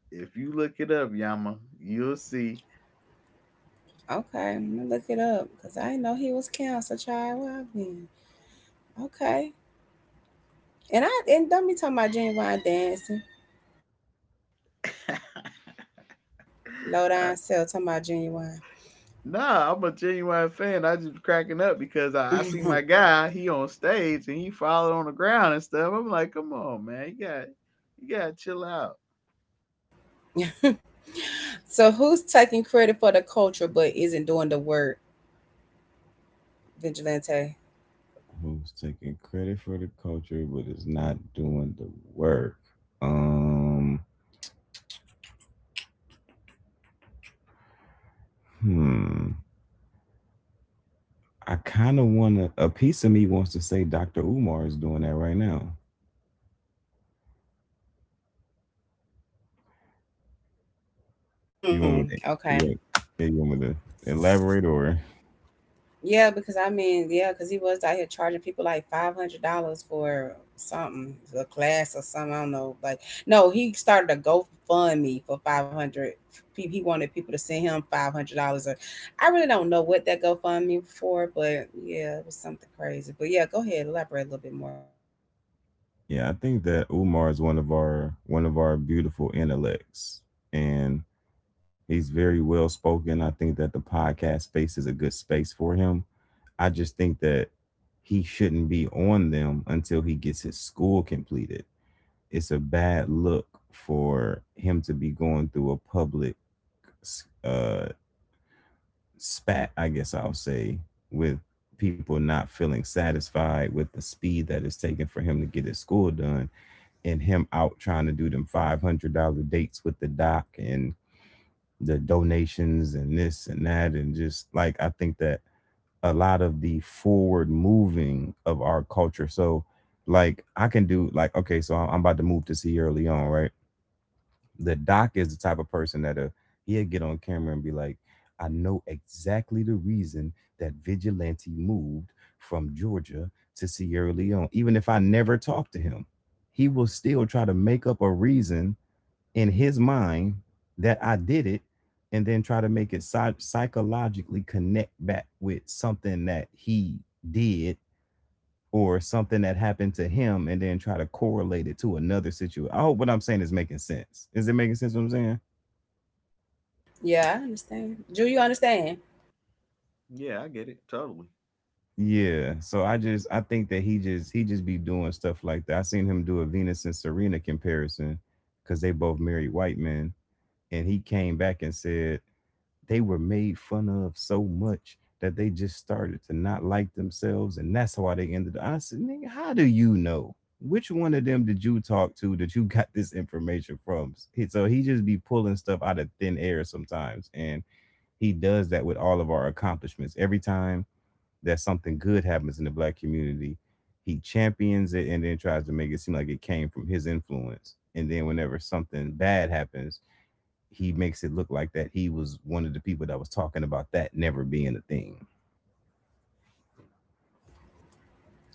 S3: If you look it up, Yama, you'll see.
S1: Okay, I'm gonna look it up because I didn't know he was canceled, child. Well, I mean, okay, and I and don't be talking about genuine dancing. Low down cell talking about genuine.
S3: Nah, I'm a Genuine fan. I just cracking up because I see my guy, he on stage and he falling on the ground and stuff. I'm like, come on, man, you gotta chill out.
S1: So who's taking credit for the culture but isn't doing the work? Vigilante.
S2: Who's taking credit for the culture but is not doing the work? Um, hmm. I kind of want to, a piece of me wants to say Dr. Umar is doing that right now.
S1: Mm,
S2: You want me to,
S1: okay.
S2: you, yeah, you want me to elaborate or?
S1: Yeah, because I mean, yeah, because he was out here charging people like $500 for something, a class or something. I don't know. Like, no, he started a GoFundMe for 500. He wanted people to send him $500. Or I really don't know what that GoFundMe for, but yeah, it was something crazy. But yeah, go ahead, elaborate a little bit more.
S2: Yeah, I think that Umar is one of our beautiful intellects, and he's very well spoken. I think that the podcast space is a good space for him. I just think that he shouldn't be on them until he gets his school completed. It's a bad look for him to be going through a public uh, spat, I guess I'll say, with people not feeling satisfied with the speed that it's taking for him to get his school done and him out trying to do them 500 dollar dates with the doc and the donations and this and that and just like I think that a lot of the forward moving of our culture. So like I can do like okay, so I'm about to move to Sierra Leone, right? The doc is the type of person that he'll get on camera and be like, I know exactly the reason that Vigilante moved from Georgia to Sierra Leone. Even if I never talk to him, he will still try to make up a reason in his mind that I did it and then try to make it psychologically connect back with something that he did or something that happened to him and then try to correlate it to another situation. I hope what I'm saying is making sense. Is it making sense what I'm saying?
S1: Yeah, I understand. Do you understand?
S3: Yeah, I get it. Totally.
S2: Yeah. So I think that he just be doing stuff like that. I seen him do a Venus and Serena comparison because they both married white men, and he came back and said they were made fun of so much that they just started to not like themselves, and that's why they ended up. I said, nigga, how do you know? Which one of them did you talk to that you got this information from? So he just be pulling stuff out of thin air sometimes, and he does that with all of our accomplishments every time that something good happens in the black community, he champions it and then tries to make it seem like it came from his influence. And then whenever something bad happens, he makes it look like that he was one of the people that was talking about that never being a thing.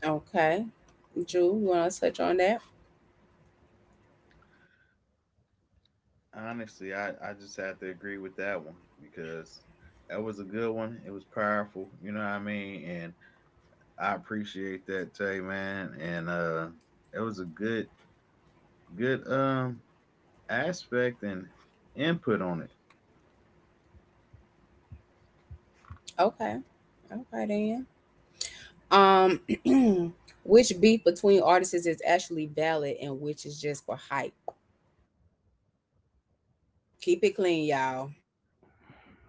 S1: Okay. Jew, you want to touch on that?
S3: Honestly, I just have to agree with that one, because that was a good one. It was powerful, you know what I mean? And I appreciate that, Tay, man. And it was a good good um aspect and input on it.
S1: Okay, okay then. Um, which beef between artists is actually valid and which is just for hype? Keep it clean, y'all.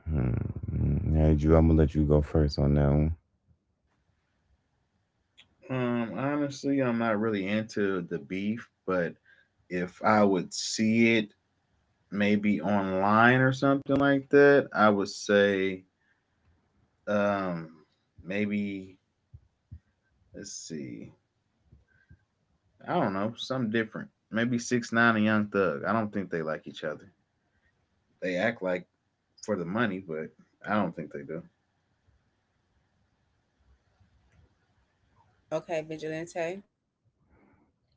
S2: Hmm. Hey, Drew, I'm gonna let you go first on that one.
S3: Honestly, I'm not really into the beef, but if I would see it maybe online or something like that, I would say um maybe, let's see. I don't know, something different. Maybe 6ix9ine and Young Thug. I don't think they like each other. They act like for the money, but I don't think they do.
S1: Okay, Vigilante,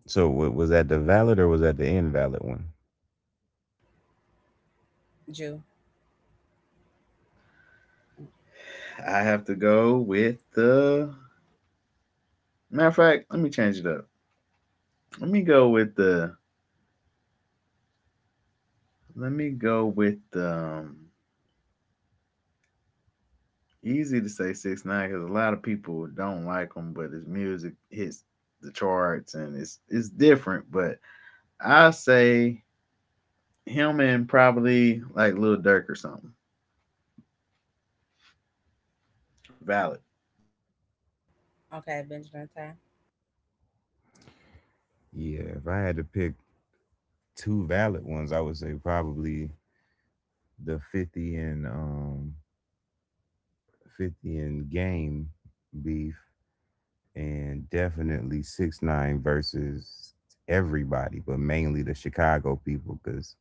S2: So, was that the valid or was that the invalid one?
S1: Jew.
S3: I have to go with the Matter of fact, let me change it up. Let me go with the let me go with the Easy to say 6ix9ine, because a lot of people don't like him, but his music hits the charts, and it's different. But I say him and probably like Lil Durk or something. Valid.
S1: Okay, Vigilante.
S2: Yeah, if I had to pick two valid ones, I would say probably the 50 and 50 and game beef, and definitely 6ix9ine versus everybody, but mainly the Chicago people because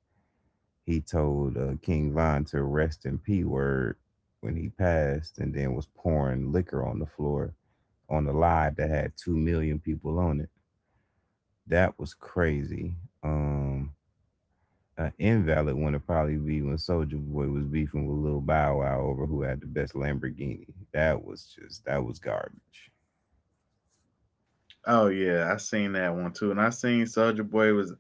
S2: he told king von to rest in p word when he passed and then was pouring liquor on the floor on the live that had 2 million people on it. That was crazy. um an invalid one would probably be when Soldier Boy was beefing with Lil Bow Wow over who had the best Lamborghini. That was just that was garbage.
S3: Oh yeah, I seen that one too, and I seen Soldier Boy was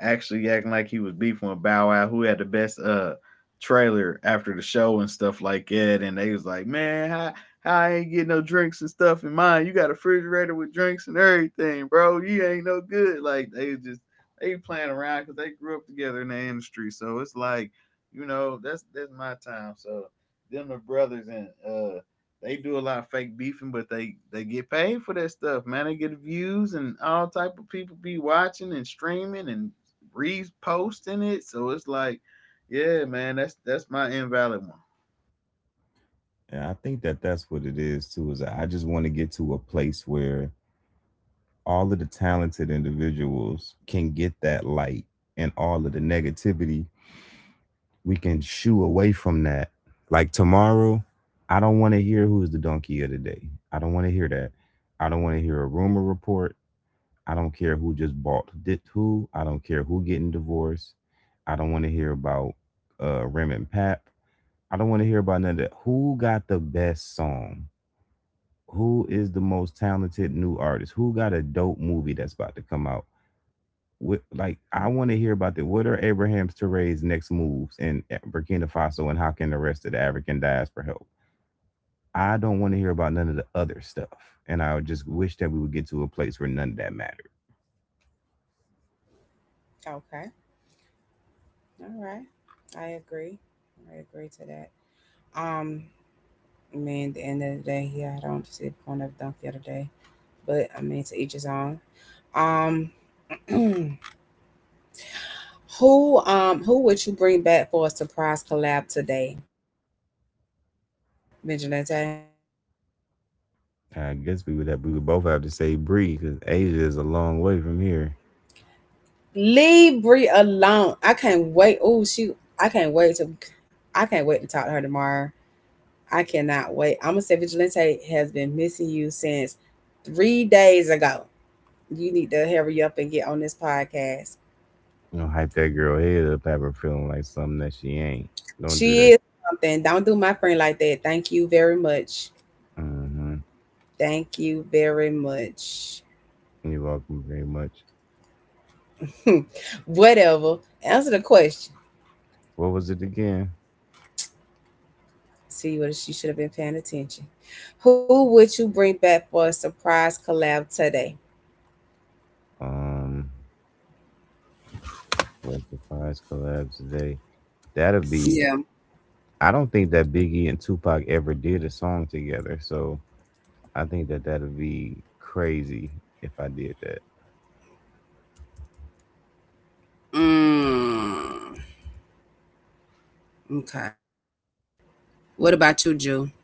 S3: actually acting like he was beefing with Bow Wow, who had the best trailer after the show and stuff like that. And they was like, "Man, how I ain't get no drinks and stuff in mine? You got a refrigerator with drinks and everything, bro. You ain't no good." Like they was just they playing around because they grew up together in the industry, so it's like, you know, that's my time. So them the brothers, and they do a lot of fake beefing, but they get paid for that stuff, man. They get views and all type of people be watching and streaming and reposting it. So it's like, yeah, man, that's my invalid one.
S2: Yeah, I think that that's what it is too. Is I just want to get to a place where all of the talented individuals can get that light, and all of the negativity we can shoo away from that. Like tomorrow, I don't want to hear who's the donkey of the day. I don't want to hear that. I don't want to hear a rumor report. I don't care who just bought did who. I don't care who getting divorced. I don't want to hear about Rim and Pap. I don't want to hear about none of that. Who got the best song? Who is the most talented new artist? Who got a dope movie that's about to come out? What, like, I want to hear about the what are Abraham's Touré's next moves in Burkina Faso, and how can the rest of the African diaspora help? I don't want to hear about none of the other stuff, and I would just wish that we would get to a place where none of that mattered.
S1: Okay, all right. I agree. I agree to that. Um, I mean, at the end of the day, yeah, I don't see the point of dunk the other day, but I mean, to each his own. Um. Who would you bring back for a surprise collab today, Vigilante?
S2: I guess we would have we would both have to say Bree because Asia is a long way from here.
S1: Leave Brie alone. I can't wait. Oh shoot, I can't wait to I can't wait to talk to her tomorrow. I cannot wait. I'm gonna say Vigilante has been missing you since 3 days ago. You need to hurry up and get on this podcast.
S2: You know, hype that girl head up, have her feeling like something that she ain't. Don't do
S1: She
S2: that.
S1: is something. Don't do my friend like that. Thank you very much.
S2: Mm-hmm.
S1: Thank you very much.
S2: You're welcome very much.
S1: Whatever. Answer the question.
S2: What was it again?
S1: See what she should have been paying attention. Who would you bring back for a surprise collab today?
S2: Um, what surprise collabs today? That'll be.
S1: Yeah.
S2: I don't think that Biggie and Tupac ever did a song together, so I think that that'll be crazy if I did that.
S1: Mm. Okay. What about you, Jew?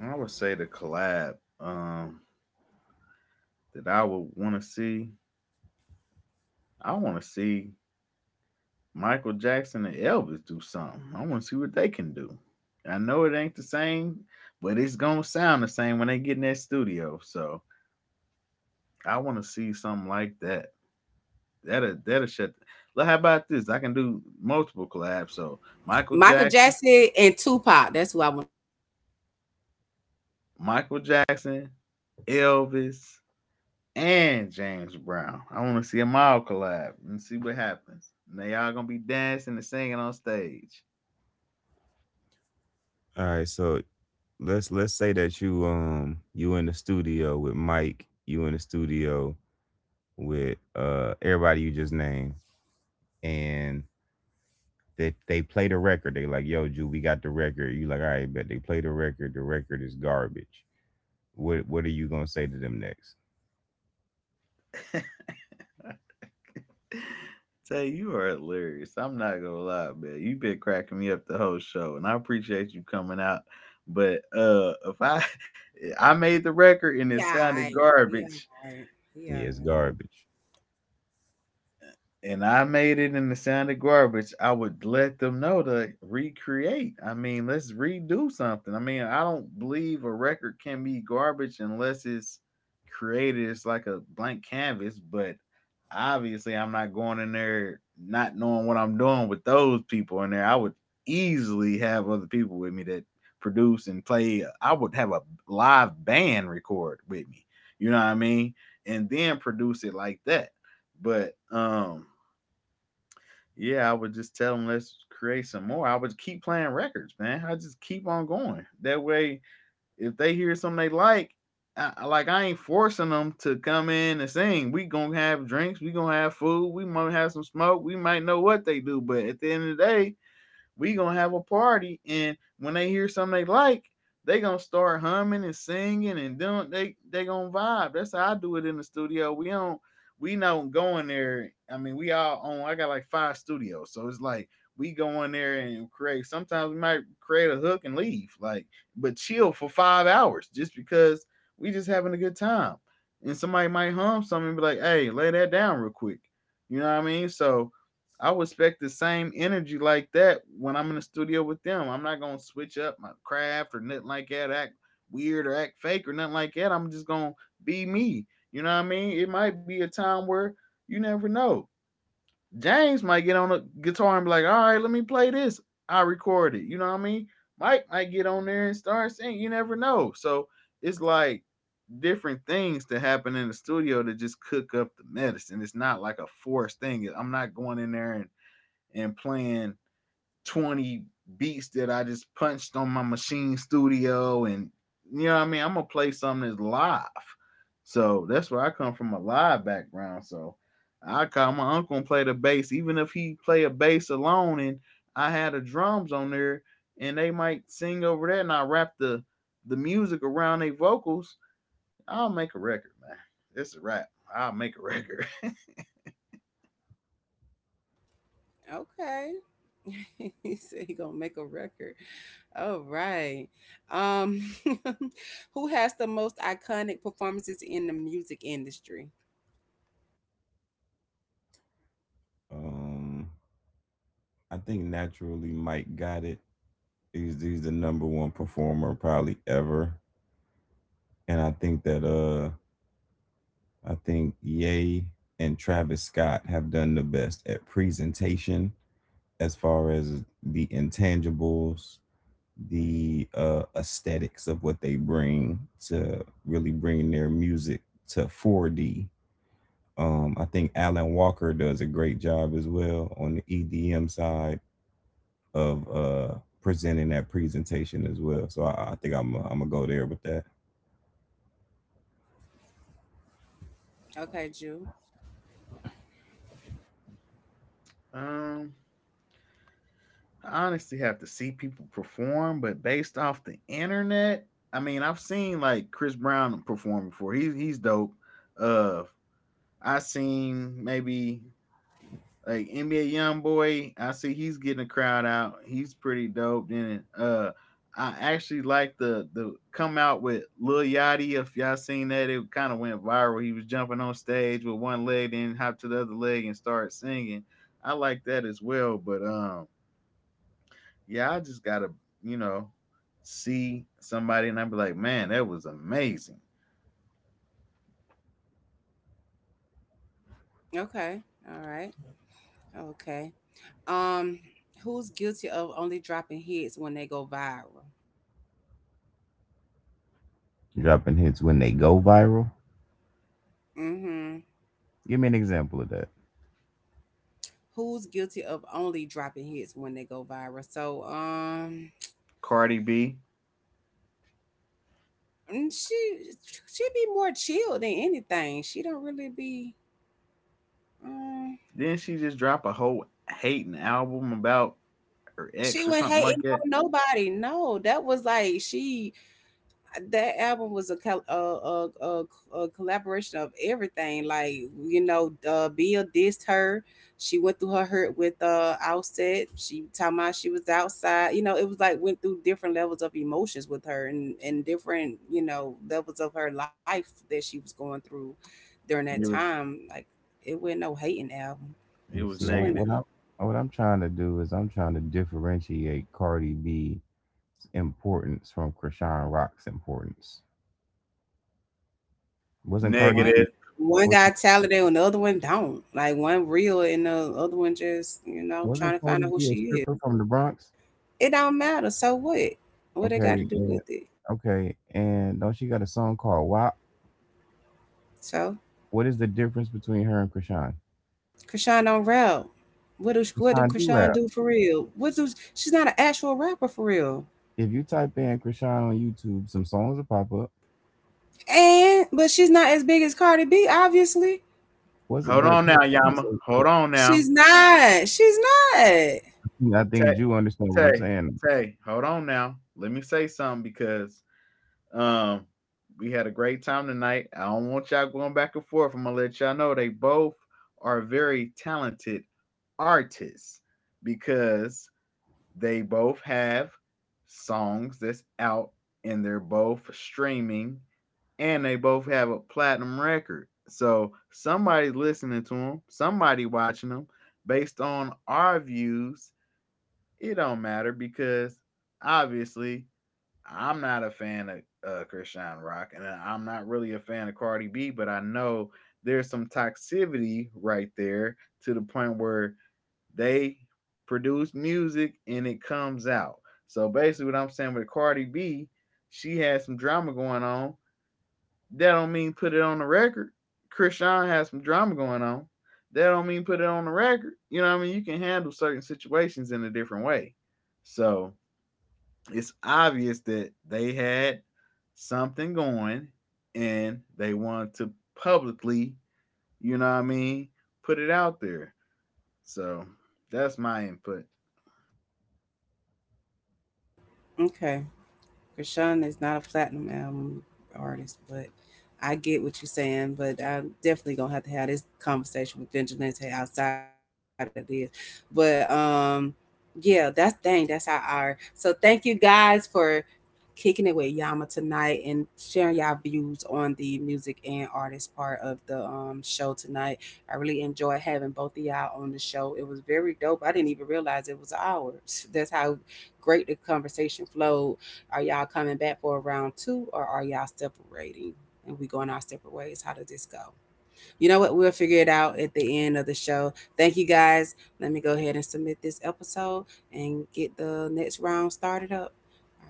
S3: I would say the collab, um, that I would want to see. I want to see Michael Jackson and Elvis do something. I want to see what they can do. I know it ain't the same, but it's gonna sound the same when they get in that studio. So I want to see something like that. That'll shut. Look, how about this? I can do multiple collabs. So Michael
S1: Michael
S3: Jackson,
S1: Jackson and Tupac. That's who I want.
S3: Michael Jackson, Elvis, and James Brown. I want to see them all collab and see what happens. Now y'all gonna be dancing and singing on stage.
S2: All right, so let's say that you you in the studio with Mike, you in the studio with everybody you just named, and they play the record. They like, yo, Ju, we got the record. You like, all right, bet they play the record. The record is garbage. What are you gonna say to them next?
S3: Tell you, you are hilarious. I'm not gonna lie, man. You've been cracking me up the whole show, and I appreciate you coming out. But if I I made the record and it
S1: Yeah.
S3: sounded
S1: Right. Yeah.
S3: garbage.
S1: Right. Yeah.
S2: Yeah, it's
S1: Right.
S2: garbage.
S3: And I made it in the sound of garbage, I would let them know to recreate. I mean, let's redo something. I mean, I don't believe a record can be garbage unless it's created. It's like a blank canvas, but obviously, I'm not going in there not knowing what I'm doing with those people in there. I would easily have other people with me that produce and play. I would have a live band record with me. You know what I mean? And then produce it like that. But yeah, I would just tell them, let's create some more. I would keep playing records, man. I just keep on going. That way, if they hear something they like, like I ain't forcing them to come in and sing. We gonna have drinks. We gonna have food. We might have some smoke. We might know what they do, but at the end of the day, we gonna have a party, and when they hear something they like, they gonna start humming and singing and doing they gonna vibe. That's how I do it in the studio. We don't go in there. I mean, we all own, I got like five studios, so it's like we go in there and create. Sometimes we might create a hook and leave, like, but chill for 5 hours just because we just having a good time, and somebody might hum something and be like, hey, lay that down real quick. You know what I mean? So I would expect the same energy like that when I'm in the studio with them. I'm not gonna switch up my craft or nothing like that, act weird or act fake or nothing like that. I'm just gonna be me. You know what I mean? It might be a time where you never know. James might get on a guitar and be like, all right, let me play this. I record it. You know what I mean? Mike might get on there and start singing. You never know. So it's like different things that happen in the studio to just cook up the medicine. It's not like a forced thing. I'm not going in there and playing 20 beats that I just punched on my machine studio, and you know what I mean, I'm gonna play something that's live. So that's where I come from, a live background. So I call my uncle and play the bass, even if he play a bass alone, and I had the drums on there, and they might sing over that, and I wrap the music around their vocals. I'll make a record, man. It's a rap. I'll make a record.
S1: Okay. He said he gonna make a record. All right. Um, who has the most iconic performances in the music industry?
S2: Um, I think naturally Mike got it. He's the number one performer probably ever, and I think that I think Ye and Travis Scott have done the best at presentation as far as the intangibles, the aesthetics of what they bring to really bring their music to 4D. I think Alan Walker does a great job as well on the EDM side of presenting that presentation as well. So I think I'm gonna go there with that.
S1: Okay, Jew.
S3: um I honestly have to see people perform, but based off the internet, I mean, I've seen like Chris Brown perform before. He's dope. Uh, I seen maybe like NBA YoungBoy. I see he's getting a crowd out. He's pretty dope. Then I actually like the come out with Lil Yachty. If y'all seen that, it kind of went viral. He was jumping on stage with one leg, then hop to the other leg and start singing. I like that as well, but yeah, I just gotta, you know, see somebody and I'd be like, man, that was amazing.
S1: Okay. All right. Okay. Um, who's guilty of only dropping hits when they go viral?
S2: Dropping hits when they go viral.
S1: Mm-hmm.
S2: Give me an example of that.
S1: Who's guilty of only dropping hits when they go viral?
S3: Cardi B.
S1: Mm, she be more chill than anything. She don't really be. Um,
S3: Didn't she just drop a whole hating album about her
S1: she
S3: ex or
S1: went
S3: something like
S1: hating
S3: that.
S1: on nobody. No, that was like she that album was a, col- a, a, a collaboration of everything. Like you know, Bill dissed her. She went through her hurt with Outset. She talking about she was outside. You know, it was like went through different levels of emotions with her and different, you know, levels of her life that she was going through during that
S3: it was
S1: time. Like it wasn't no hating album.
S3: it
S2: You
S3: was
S2: see,
S1: She wouldn't
S3: negative.
S2: what I what I'm trying to do is I'm trying to differentiate Cardi B's importance from Krishan Rock's importance. Wasn't Cardi
S1: one
S2: B
S3: Negative.
S1: one guy
S2: wasn't
S1: talented and the other one don't. Like one real and the other one just, you know,
S2: wasn't
S1: trying to
S2: Cardi
S1: find out who
S2: B a
S1: she.
S2: stripper from the Bronx?
S1: It don't matter. So what? What they got to
S2: Okay,
S1: do
S2: and
S1: with it?
S2: okay, and don't she got a song called "WAP"?
S1: So
S2: What is the difference between her and Krishan?
S1: Krishan don't rap. What do
S2: Krishan do
S1: Krishan
S2: rap.
S1: do for real? What do she's not an actual rapper for real.
S2: If you type in Krishan on YouTube, some songs will pop up.
S1: And but she's not as big as Cardi B, obviously.
S2: Was it?
S3: Hold
S2: But
S3: on now,
S2: Cardi B is
S3: Yama.
S2: a-
S3: Hold on now.
S1: She's not. She's not.
S2: I think Jew
S3: Tay
S2: understand what I'm
S3: Tay,
S2: saying.
S3: Tay, hold on now. Let me say something, because Um, we had a great time tonight. I don't want y'all going back and forth. I'm gonna let y'all know they both are very talented artists, because they both have songs that's out, and they're both streaming, and they both have a platinum record. So somebody's listening to them, somebody watching them. Based on our views, it don't matter, because obviously I'm not a fan of Christian Rock, and I'm not really a fan of Cardi B, but I know there's some toxicity right there to the point where they produce music and it comes out. So basically, what I'm saying with Cardi B, she has some drama going on. That don't mean put it on the record. Christian has some drama going on. That don't mean put it on the record. You know what I mean? You can handle certain situations in a different way. So it's obvious that they had something going and they wanted to publicly, you know what I mean, put it out there. So that's my input.
S1: Okay. Krishan is not a platinum album artist, but I get what you're saying. But I'm definitely gonna have to have this conversation with Vigilante outside of this. But yeah, that's how our. So thank you guys for kicking it with Yama tonight and sharing y'all views on the music and artist part of the show tonight. I really enjoyed having both of y'all on the show. It was very dope. I didn't even realize it was ours. That's how great the conversation flowed. Are y'all coming back for a round two or are y'all separating? And we going our separate ways. How did this go? You know what? We'll figure it out at the end of the show. Thank you guys. Let me go ahead and submit this episode and get the next round started up.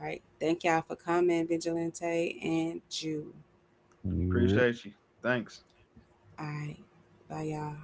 S1: All right. Thank y'all for coming, Vigilante and Jew.
S2: Yeah.
S3: Appreciate you. Thanks.
S1: All right. Bye, y'all.